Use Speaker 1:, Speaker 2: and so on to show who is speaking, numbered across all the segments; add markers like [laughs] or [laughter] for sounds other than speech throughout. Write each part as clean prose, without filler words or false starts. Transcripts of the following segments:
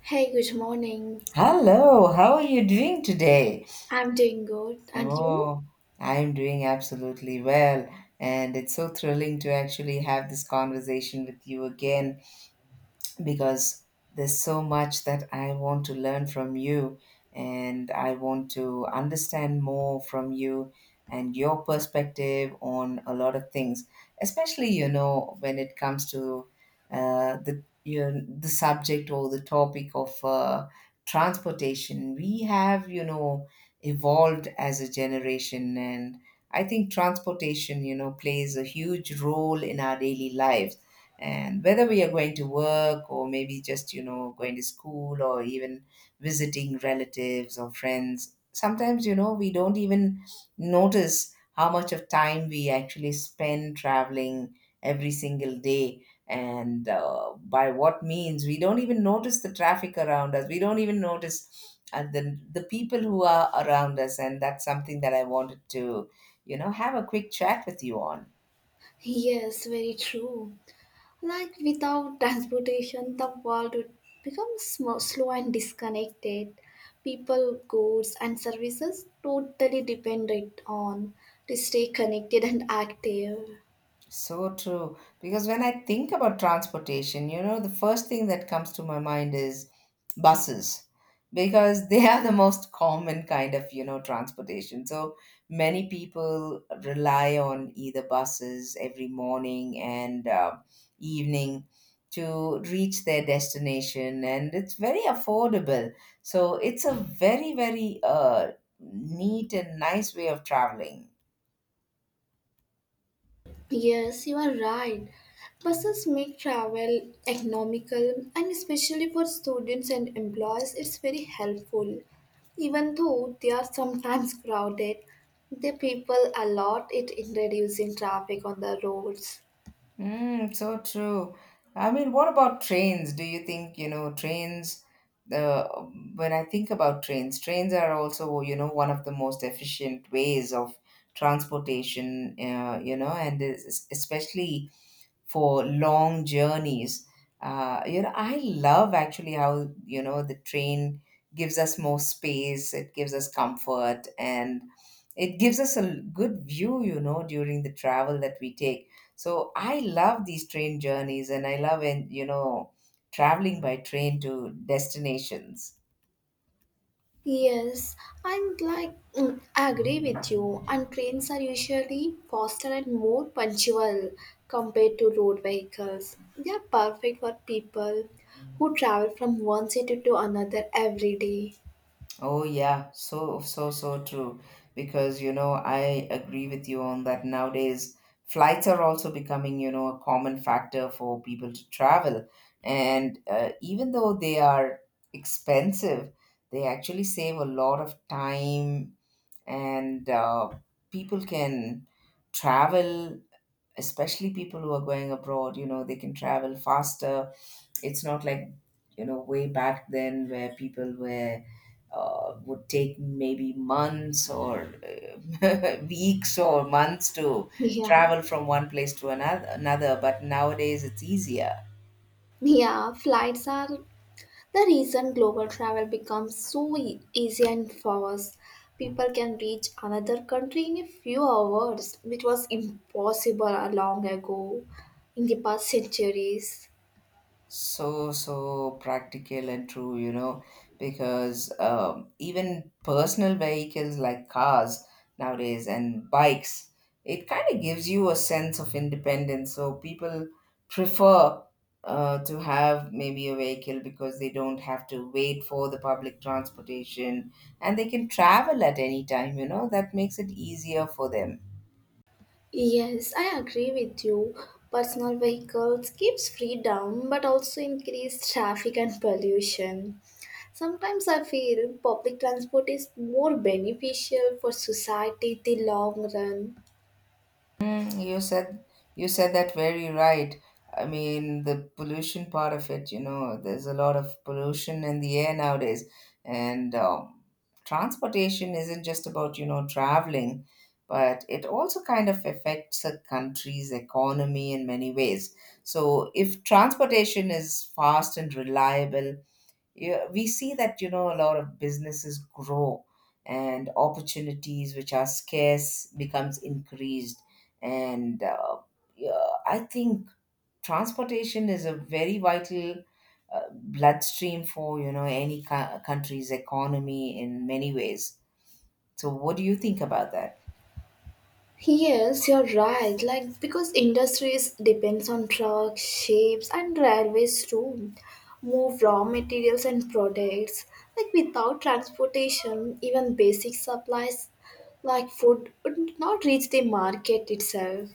Speaker 1: Hey, good morning.
Speaker 2: Hello, how are you doing today?
Speaker 1: I'm doing good. And you?
Speaker 2: Oh, I'm doing absolutely well, and it's so thrilling to actually have this conversation with you again because there's so much that I want to learn from you and I want to understand more from you and your perspective on a lot of things, especially, you know, when it comes to the subject or the topic of transportation. We have evolved as a generation, and I think transportation plays a huge role in our daily lives, and whether we are going to work or maybe just going to school, or even visiting relatives or friends. Sometimes we don't even notice how much of time we actually spend traveling every single day, and by what means. We don't even notice the traffic around us, we don't even notice the people who are around us, and that's something that I wanted to have a quick chat with you on.
Speaker 1: Yes, very true. Like without [laughs] transportation, the world would become slow and disconnected. People, goods, and services totally dependent on to stay connected and active.
Speaker 2: So true. Because when I think about transportation, you know, the first thing that comes to my mind is buses, because they are the most common kind of transportation. So many people rely on either buses every morning and evening to reach their destination, and it's very affordable. So it's a very, very neat and nice way of traveling.
Speaker 1: Yes, you are right. Buses make travel economical and especially for students and employees, it's very helpful. Even though they are sometimes crowded, the people a lot it in reducing traffic on the roads.
Speaker 2: Mm, so true. I mean, what about trains? Do you think trains, the when I think about trains are also, you know, one of the most efficient ways of transportation, and especially for long journeys. I love actually how the train gives us more space, it gives us comfort, and it gives us a good view during the travel that we take. So I love these train journeys, and I love and you know traveling by train to destinations.
Speaker 1: Yes, I agree with you. And trains are usually faster and more punctual compared to road vehicles. They are perfect for people who travel from one city to another every day.
Speaker 2: Oh, yeah, so true. Because, you know, I agree with you on that. Nowadays, flights are also becoming a common factor for people to travel, and even though they are expensive, they actually save a lot of time, and people can travel. Especially people who are going abroad, they can travel faster. It's not like way back then where people were would take maybe months or [laughs] weeks or months to
Speaker 1: [laughs] Yeah,
Speaker 2: travel from one place to another, but nowadays it's easier.
Speaker 1: yeah. Flights are the reason global travel becomes so easy and fast. People can reach another country in a few hours, which was impossible a long ago in the past centuries.
Speaker 2: So, so practical and true, because even personal vehicles like cars nowadays and bikes, it kind of gives you a sense of independence. So people prefer to have maybe a vehicle because they don't have to wait for the public transportation, and they can travel at any time, that makes it easier for them.
Speaker 1: Yes, I agree with you. Personal vehicles keeps freedom but also increase traffic and pollution. Sometimes I feel public transport is more beneficial for society in the long run.
Speaker 2: Mm, you said you said that very right. I mean, the pollution part of it, you know, there's a lot of pollution in the air nowadays, and transportation isn't just about traveling, but it also kind of affects a country's economy in many ways. So if transportation is fast and reliable, yeah, we see that a lot of businesses grow and opportunities which are scarce becomes increased. And yeah, I think transportation is a very vital bloodstream for any country's economy in many ways. So what do you think about that?
Speaker 1: Yes, you're right. Like because industries depends on trucks, ships, and railways to move raw materials and products. Like without transportation, even basic supplies like food would not reach the market itself.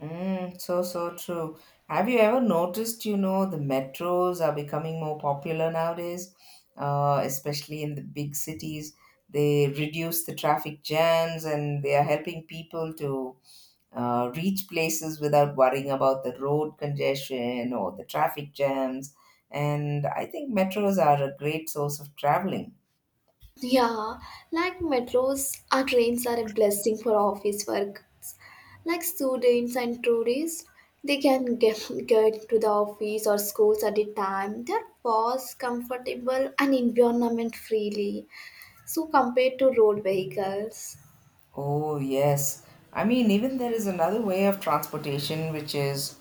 Speaker 2: Mm, so, so true. Have you ever noticed the metros are becoming more popular nowadays, especially in the big cities. They reduce the traffic jams, and they are helping people to reach places without worrying about the road congestion or the traffic jams. And I think metros are a great source of traveling.
Speaker 1: Yeah, like metros or trains are a blessing for office workers. Like students and tourists, they can get to the office or schools at a time. They're fast, comfortable, and environment freely. So compared to road vehicles.
Speaker 2: Oh, yes. I mean, even there is another way of transportation, which is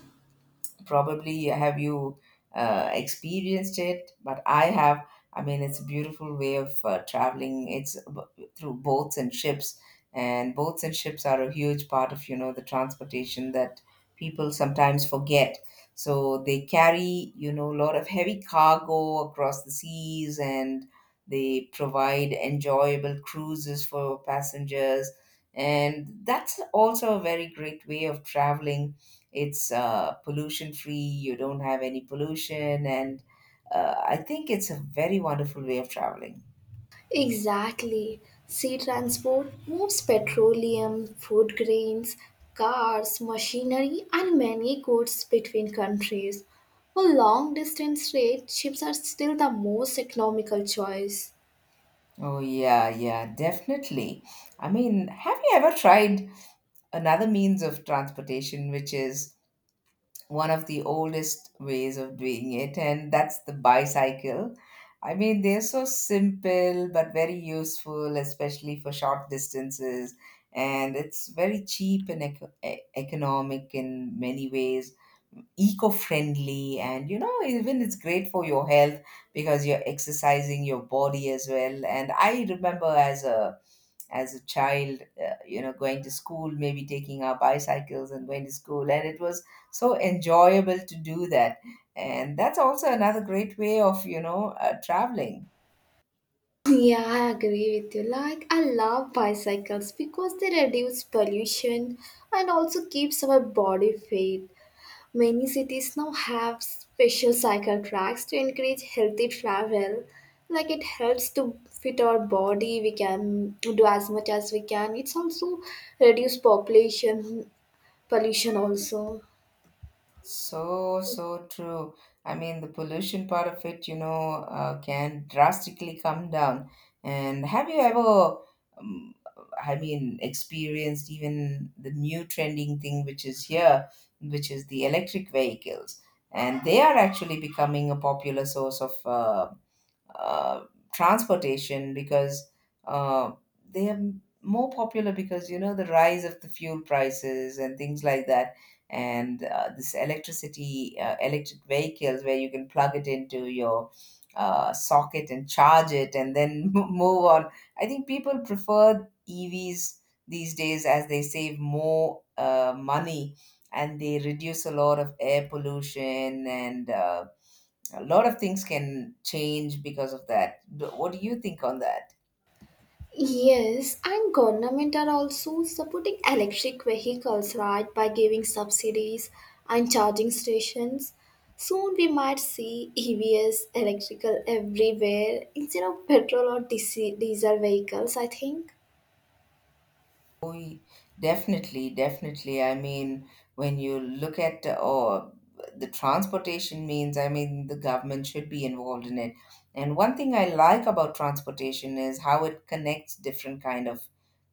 Speaker 2: probably. Have you experienced it? But I have. I mean, it's a beautiful way of traveling. It's through boats and ships, and boats and ships are a huge part of the transportation that people sometimes forget. So they carry a lot of heavy cargo across the seas, and they provide enjoyable cruises for passengers, and that's also a very great way of traveling. It's pollution free, you don't have any pollution, and I think it's a very wonderful way of traveling.
Speaker 1: Exactly. Sea transport moves petroleum, food grains, cars, machinery, and many goods between countries. For long distance trade, ships are still the most economical choice.
Speaker 2: Oh, yeah, yeah, definitely. I mean, have you ever tried another means of transportation, which is one of the oldest ways of doing it, and that's the bicycle? I mean, they're so simple but very useful, especially for short distances, and it's very cheap and economic in many ways. Eco-friendly, and even it's great for your health because you're exercising your body as well. And I remember as a child, going to school, maybe taking our bicycles and going to school, and it was so enjoyable to do that. And that's also another great way of traveling.
Speaker 1: [laughs] Yeah, I agree with you. Like, I love bicycles because they reduce pollution and also keeps our body fit. Many cities now have special cycle tracks to encourage healthy travel. Like it helps to fit our body, we can do as much as we can. It's also reduce population pollution also.
Speaker 2: So, so true. I mean, the pollution part of it can drastically come down. And have you ever, um, I mean, experienced even the new trending thing which is here, which is the electric vehicles? And they are actually becoming a popular source of uh, transportation because uh, they are more popular because the rise of the fuel prices and things like that. And this electric vehicles where you can plug it into your socket and charge it, and then [laughs] move on. I think people prefer EVs these days as they save more money, and they reduce a lot of air pollution, and a lot of things can change because of that. What do you think on that?
Speaker 1: Yes, and government are also supporting electric vehicles, right, by giving subsidies and charging stations. Soon we might see EVs electrical everywhere instead of petrol or diesel vehicles, I think.
Speaker 2: We definitely, definitely. I mean, when you look at or the transportation means, I mean, the government should be involved in it. And one thing I like about transportation is how it connects different kind of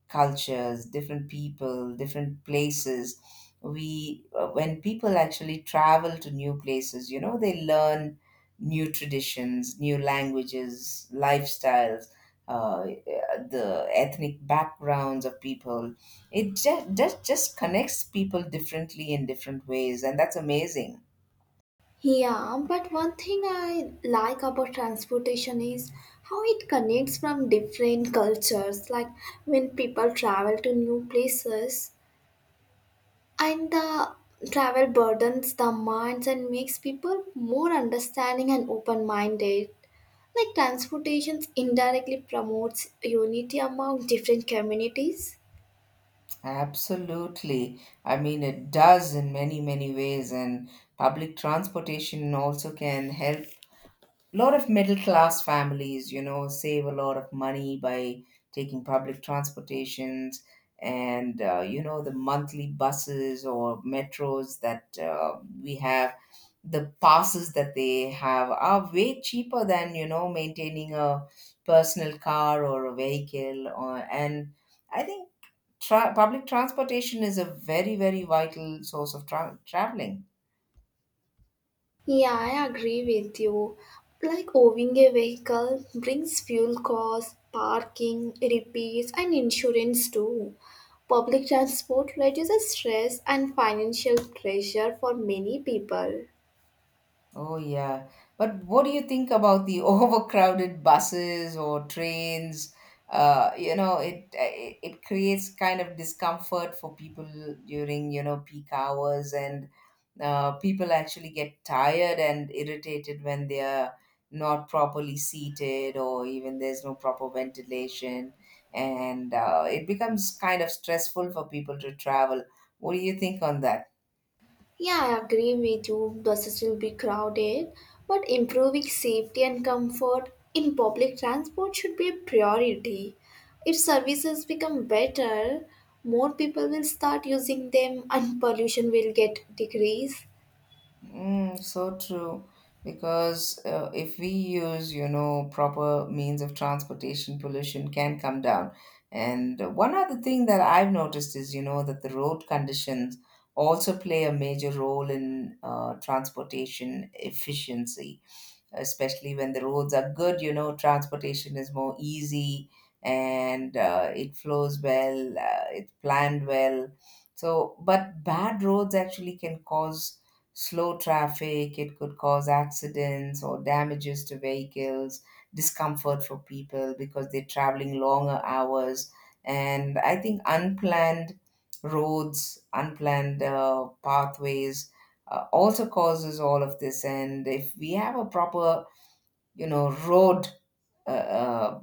Speaker 2: cultures, different people, different places. When people actually travel to new places, you know, they learn new traditions, new languages, lifestyles, uh, the ethnic backgrounds of people. It just connects people differently in different ways, and that's amazing.
Speaker 1: Yeah, but one thing I like about transportation is how it connects from different cultures. Like when people travel to new places, and the travel burdens the minds and makes people more understanding and open minded. Like transportation indirectly promotes unity among different communities.
Speaker 2: Absolutely. I mean, it does in many, many ways, and public transportation also can help a lot of middle class families, you know, save a lot of money by taking public transportations, and the monthly buses or metros that we have. The passes that they have are way cheaper than, you know, maintaining a personal car or a vehicle. And I think public transportation is a very, very vital source of traveling.
Speaker 1: Yeah, I agree with you. Like owning a vehicle brings fuel costs, parking, repairs, and insurance too. Public transport reduces stress and financial pressure for many people.
Speaker 2: Oh, yeah. But what do you think about the [laughs] overcrowded buses or trains? It creates kind of discomfort for people during peak hours, and people actually get tired and irritated when they are not properly seated or even there's no proper ventilation, and it becomes kind of stressful for people to travel. What do you think on that?
Speaker 1: Yeah, I agree with you. Buses will be crowded, but improving safety and comfort in public transport should be a priority. If services become better, more people will start using them and pollution will get decreased.
Speaker 2: Mm, so true. Because if we use proper means of transportation, pollution can come down. And one other thing that I've noticed is that the road conditions also play a major role in transportation efficiency, especially when the roads are good, transportation is more easy, and it flows well, it's planned well. So, but bad roads actually can cause slow traffic, it could cause accidents or damages to vehicles, discomfort for people because they're traveling longer hours. And I think unplanned roads, unplanned pathways also causes all of this. And if we have a proper road uh, uh,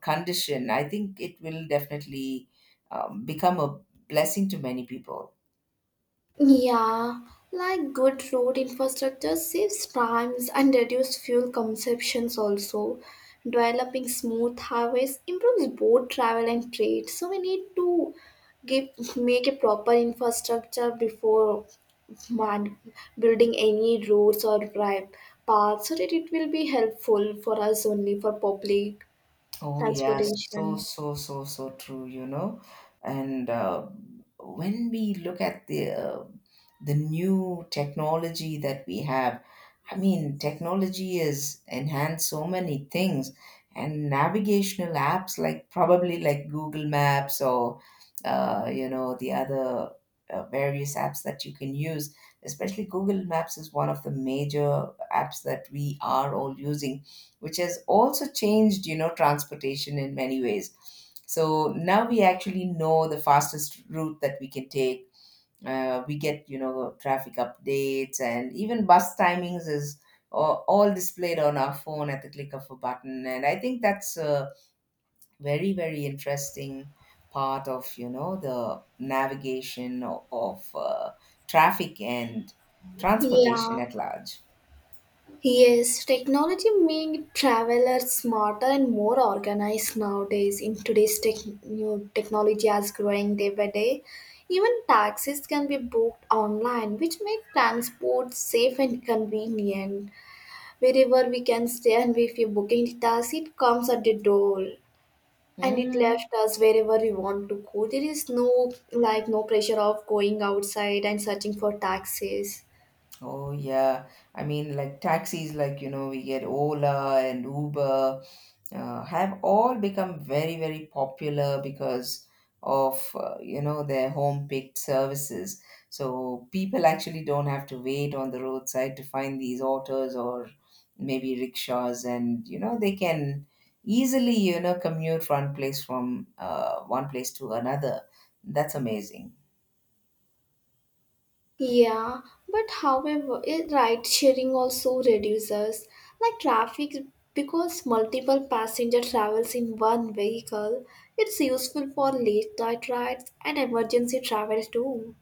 Speaker 2: condition, I think it will definitely become a blessing to many people.
Speaker 1: Yeah, like good road infrastructure saves times and reduces fuel consumptions also. Developing smooth highways improves both travel and trade. So we need to give make a proper infrastructure before man, building any roads or drive paths so that it will be helpful for us only for public
Speaker 2: Oh, yes, so,
Speaker 1: transportation.
Speaker 2: so, so, so true. And when we look at the new technology that we have, I mean, technology has enhanced so many things, and navigational apps like probably Google Maps or the other various apps that you can use. Especially Google Maps is one of the major apps that we are all using, which has also changed, you know, transportation in many ways. So now we actually know the fastest route that we can take. We get traffic updates, and even bus timings is all displayed on our phone at the click of a button. And I think that's a very, very interesting part of the navigation of traffic and transportation
Speaker 1: Yeah.
Speaker 2: at large.
Speaker 1: Yes, technology made travelers smarter and more organized nowadays. In today's tech, new technology is growing day by day. Even taxis can be booked online, which make transport safe and convenient. Wherever we can stay, and if you're booking the taxi, it comes at the door and it
Speaker 2: Mm-hmm.
Speaker 1: left us wherever we want to go. There is no like no pressure of going outside and searching for taxis.
Speaker 2: Oh, yeah, I mean, like taxis, we get Ola and Uber, have all become very, very popular because of their home picked services. So people actually don't have to wait on the roadside to find these autos or maybe rickshaws, and you know they can easily commute one place from one place to another. That's amazing.
Speaker 1: Yeah, but however, ride sharing also reduces like traffic because multiple passenger travels in one vehicle. It's useful for late night rides and emergency travel too.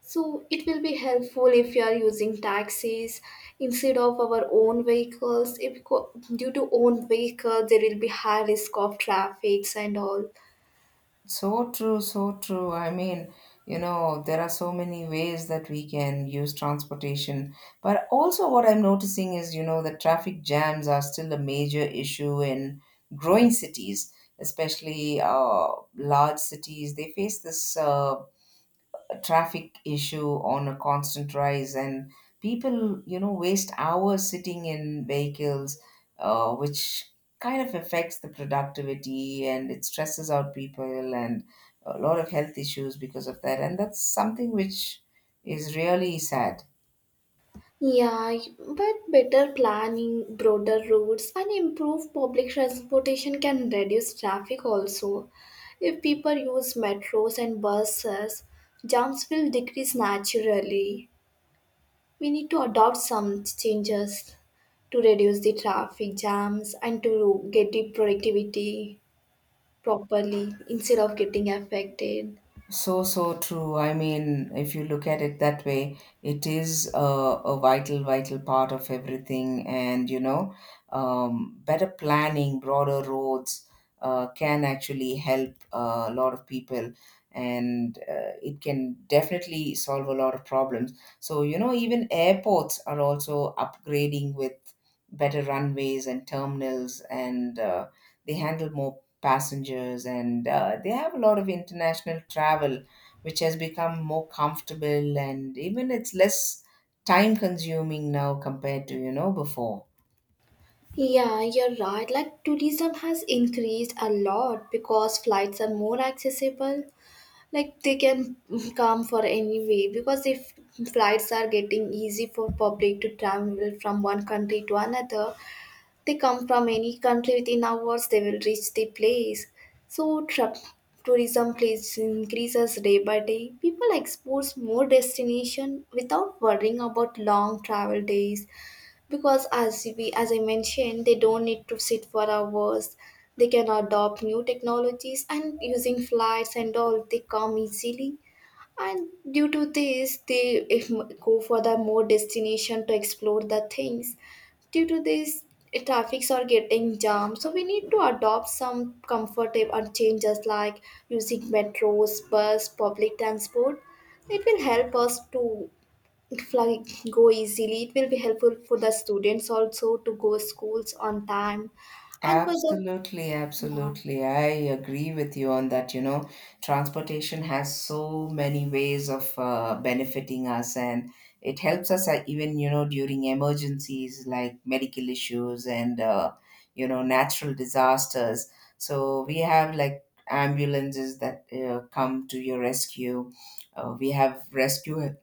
Speaker 1: So it will be helpful if you are using taxis instead of our own vehicles. If due to own vehicle, there will be high risk of traffics and all.
Speaker 2: So true, so true. I mean, you know, there are so many ways that we can use transportation. But also, what I'm noticing is, you know, the traffic jams are still a major issue in growing cities, especially large cities. They face this traffic issue on a constant rise, and people waste hours sitting in vehicles, which kind of affects the productivity, and it stresses out people and a lot of health issues because of that, and that's something which is really sad.
Speaker 1: Yeah, but better planning, broader routes, and improved public transportation can reduce traffic also. If people use metros and buses, jams will decrease naturally. We need to adopt some changes to reduce the traffic jams and to get the productivity properly instead of getting affected.
Speaker 2: So, so true. I mean, if you look at it that way, it is a vital, vital part of everything. And, you know, better planning, broader roads can actually help a lot of people. And it can definitely solve a lot of problems. So, you know, even airports are also upgrading with better runways and terminals, and they handle more passengers, and they have a lot of international travel, which has become more comfortable, and even it's less time consuming now compared to before.
Speaker 1: Yeah, you're right. Like tourism has increased a lot because flights are more accessible, like they can come for any way. Because if flights are getting easy for public to travel from one country to another, they come from any country within hours, they will reach the place. So tra- tourism place increases day by day, people explore more destination without worrying about long travel days, because as we, as I mentioned, they don't need to sit for hours. They can adopt new technologies and using flights and all, they come easily. And due to this, they, if, go for the more destination to explore the things. Due to this, traffics are getting jammed, so we need to adopt some comfortable changes, like using metros, bus, public transport. It will help us to like go easily. It will be helpful for the students also to go schools on time and for the,
Speaker 2: Absolutely,
Speaker 1: yeah.
Speaker 2: absolutely. I agree with you on that. You know, transportation has so many ways of benefiting us, and it helps us even, you know, during emergencies like medical issues and, you know, natural disasters. So we have like ambulances that come to your rescue. We have rescue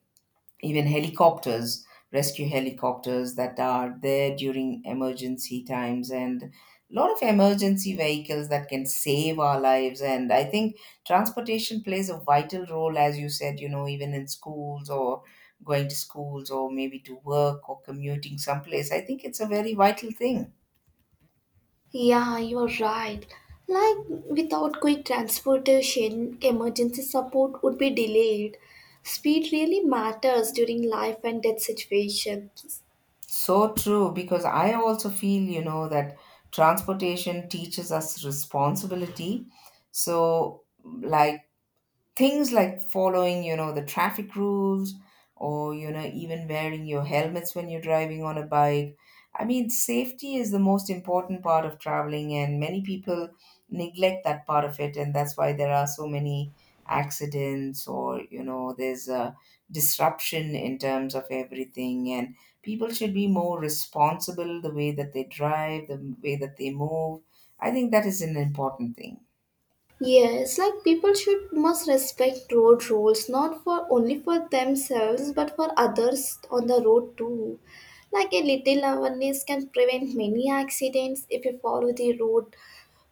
Speaker 2: even helicopters, rescue helicopters that are there during emergency times, and a lot of emergency vehicles that can save our lives. And I think transportation plays a vital role, as you said, you know, even in schools, or going to schools, or maybe to work, or commuting someplace. I think it's a very vital thing.
Speaker 1: Yeah, you're right. Like without quick transportation, emergency support would be delayed. Speed really matters during life and death situations.
Speaker 2: So true, because I also feel, you know, that transportation teaches us responsibility. So, like, things like following the traffic rules, or you know, even wearing your helmets when you're driving on a bike. I mean, safety is the most important part of traveling, and many people neglect that part of it, and that's why there are so many accidents, or you know, there's a disruption in terms of everything, and people should be more responsible the way that they drive, the way that they move. I think that is an important thing.
Speaker 1: Yes, like people should must respect road rules not for only for themselves but for others on the road too. Like a little awareness can prevent many accidents if we follow the road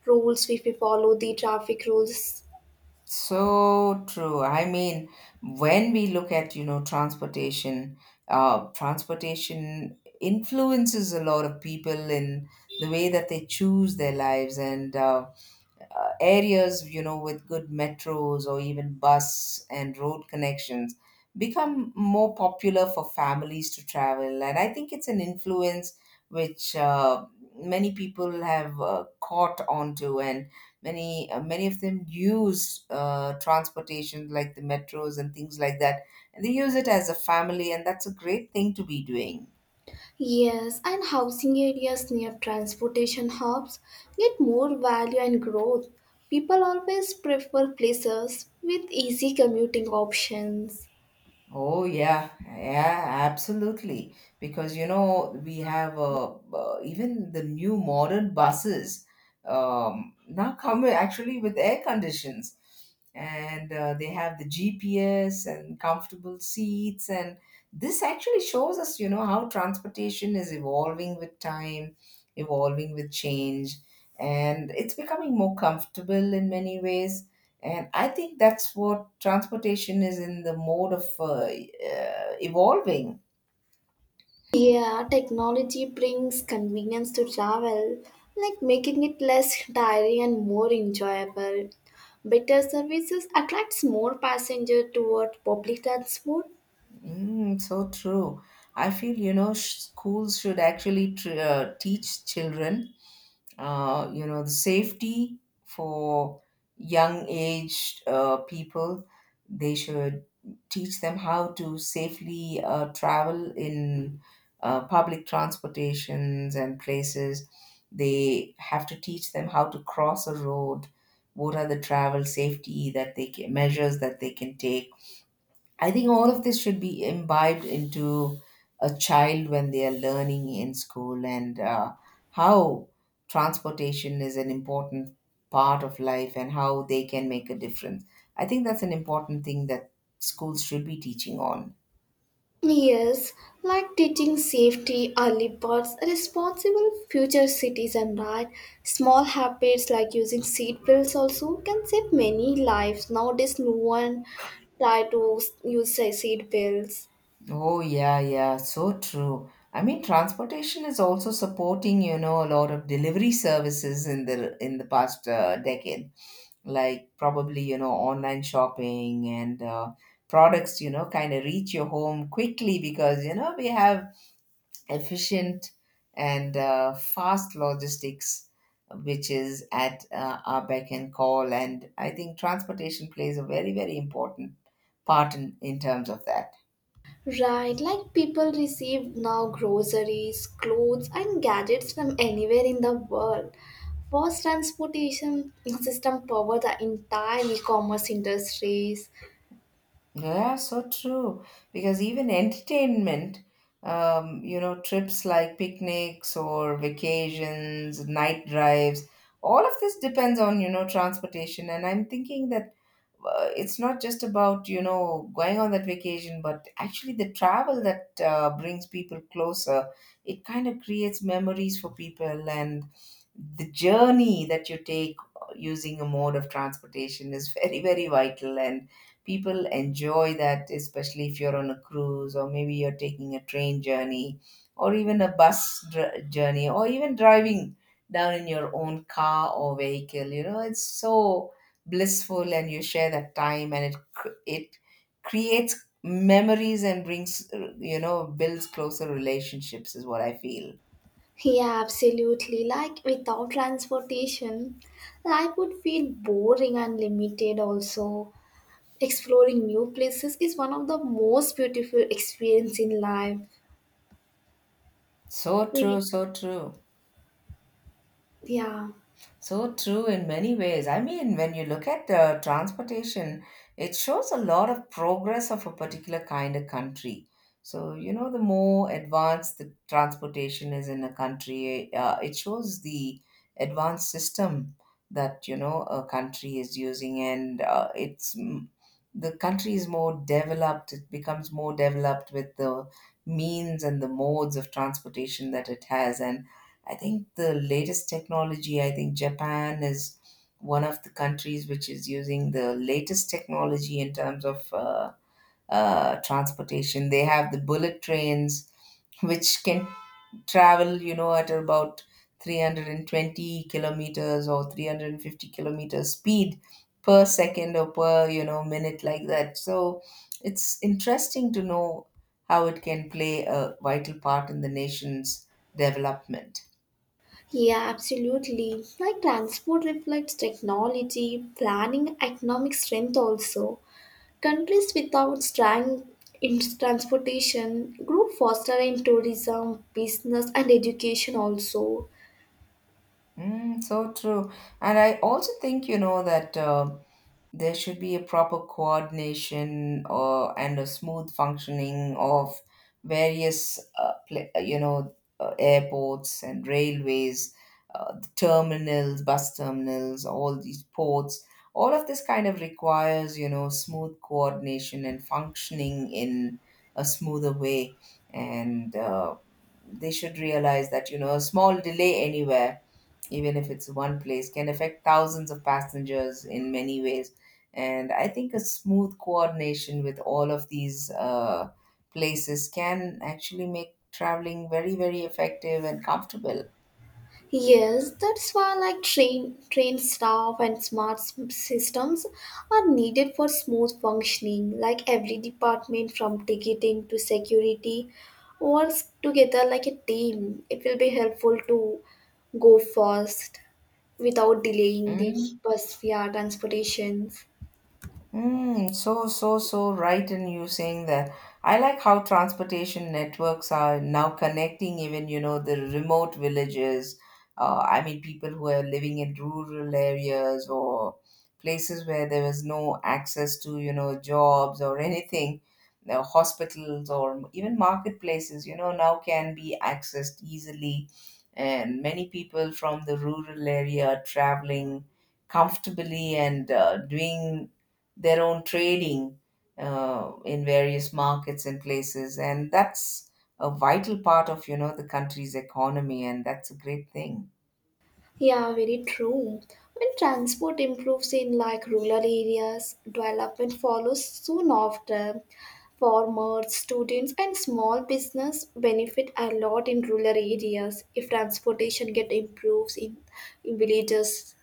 Speaker 1: rules, if we follow the traffic rules.
Speaker 2: So true. I mean, when we look at, you know, transportation, transportation influences a lot of people in the way that they choose their lives, and areas you know, with good metros or even bus and road connections, become more popular for families to travel, and I think it's an influence which many people have caught onto, and many of them use transportation like the metros and things like that, and they use it as a family, and that's a great thing to be doing.
Speaker 1: Yes, and housing areas near transportation hubs get more value and growth. People always prefer places with easy commuting options.
Speaker 2: Oh yeah, yeah, absolutely. Because you know, we have even the new modern buses now come actually with air conditions, and they have the GPS and comfortable seats, and this actually shows us you know, how transportation is evolving with time, evolving with change, and it's becoming more comfortable in many ways, and I think that's what transportation is in the mode of evolving.
Speaker 1: Yeah, technology brings convenience to travel, like making it less tiring and more enjoyable. Better services attracts more passenger toward public transport.
Speaker 2: Mm, so true. I feel, you know, schools should actually teach children, you know, the safety for young aged people. They should teach them how to safely travel in public transportations and places. They have to teach them how to cross a road. What are the travel safety that they can, measures that they can take? I think all of this should be imbibed into a child when they are learning in school, and how transportation is an important part of life and how they can make a difference. I think that's an important thing that schools should be teaching on.
Speaker 1: Yes, like teaching safety, early birds, responsible future citizen, right? Small habits like using seat belts also can save many lives. Nowadays, no one try to use seat belts.
Speaker 2: Oh, yeah, yeah, so true. I mean, transportation is also supporting, you know, a lot of delivery services in the past decade. Like probably you know, online shopping, and products you know, kind of reach your home quickly because you know, we have efficient and fast logistics which is at our beck and call, and I think transportation plays a very, very important part in terms of that.
Speaker 1: Right, like people receive now groceries, clothes, and gadgets from anywhere in the world. Fast transportation system power the entire e-commerce industries.
Speaker 2: Yeah, so true. Because even entertainment, you know, trips like picnics or vacations, night drives, all of this depends on, you know, transportation. And I'm thinking that it's not just about, you know, going on that vacation, but actually the travel that brings people closer. It kind of creates memories for people, and the journey that you take using a mode of transportation is [laughs] very, very vital. And people enjoy that, especially if you're on a cruise, or maybe you're taking a train journey or even a journey, or even driving down in your own car or vehicle. You know, it's so blissful, and you share that time, and it creates memories and brings, you know, builds closer relationships is what I feel.
Speaker 1: Yeah, absolutely. Like without transportation, life would feel boring and limited. Also, exploring new places is one of the most beautiful experience in life.
Speaker 2: So true,
Speaker 1: Really?
Speaker 2: so true.
Speaker 1: Yeah.
Speaker 2: So true in many ways. I mean, when you look at the transportation, it shows a lot of progress of a particular kind of country. So, you know, the more advanced the transportation is in a country, it shows the advanced system that, you know, a country is using, and it's the country is more developed. It becomes more developed with the means and the modes of transportation that it has. And I think the latest technology, I think Japan is one of the countries which is using the latest technology in terms of transportation. They have the bullet trains, which can travel, you know, at about 320 kilometers or 350 kilometers speed per second, or per, you know, minute like that. So it's interesting to know how it can play a vital part in the nation's development.
Speaker 1: Yeah, absolutely. Like transport reflects technology, planning, economic strength also. Countries without strong in transportation grow faster in tourism, business and education also.
Speaker 2: Mm, so true. And I also think, you know, that there should be a proper coordination or and a smooth functioning of various you know, airports and railways terminals, bus terminals, all these ports, all of this kind of requires you know, smooth coordination and functioning in a smoother way, and they should realize that you know, a small delay anywhere, even if it's one place, can affect thousands of passengers in many ways, and I think a smooth coordination with all of these places can actually make traveling very, very effective and comfortable.
Speaker 1: Yes, that's why like train staff and smart systems are needed for smooth functioning. Like every department from ticketing to security works together like a team. It will be helpful to go fast without delaying the
Speaker 2: Mm.
Speaker 1: bus via transportation.
Speaker 2: Mm, so, so, so right in you saying that. I like how transportation networks are now connecting even, you know, the remote villages. I mean, people who are living in rural areas, or places where there was no access to, you know, jobs or anything, you know, hospitals or even marketplaces, you know, now can be accessed easily. And many people from the rural area are traveling comfortably, and doing their own trading in various markets and places, and that's a vital part of you know, the country's economy, and that's a great thing.
Speaker 1: Yeah, very true. When transport improves in like rural areas, development follows soon after. Farmers, students, and small business benefit a lot in rural areas if transportation get improves in villages.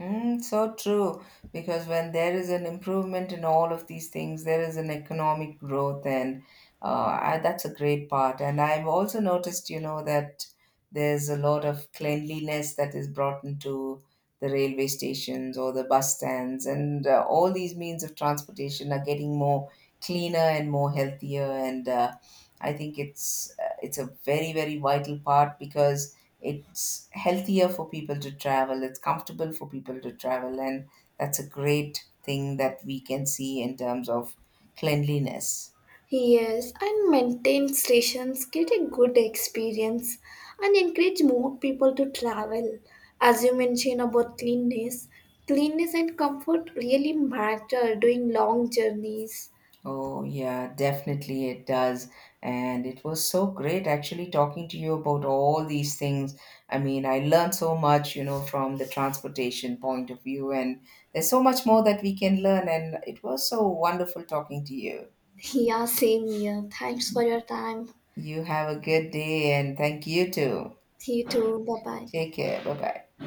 Speaker 2: Mm, so true, because when there is an improvement in all of these things, there is an economic growth, and that's a great part. And I've also noticed, you know, that there's a lot of cleanliness that is brought into the railway stations or the bus stands, and all these means of transportation are getting more cleaner and more healthier. And I think it's a very, very vital part, because it's healthier for people to travel, it's comfortable for people to travel, and that's a great thing that we can see in terms of cleanliness.
Speaker 1: Yes, and maintained stations get a good experience and encourage more people to travel. As you mentioned about cleanness, cleanness and comfort really matter during long journeys.
Speaker 2: Oh, yeah, definitely it does. And it was so great actually talking to you about all these things. I mean, I learned so much, you know, from the transportation point of view, and there's so much more that we can learn. And it was so wonderful talking to you.
Speaker 1: Yeah, same here. Thanks for your time.
Speaker 2: You have a good day, and thank you too.
Speaker 1: See you too. Bye bye.
Speaker 2: Take care. Bye bye.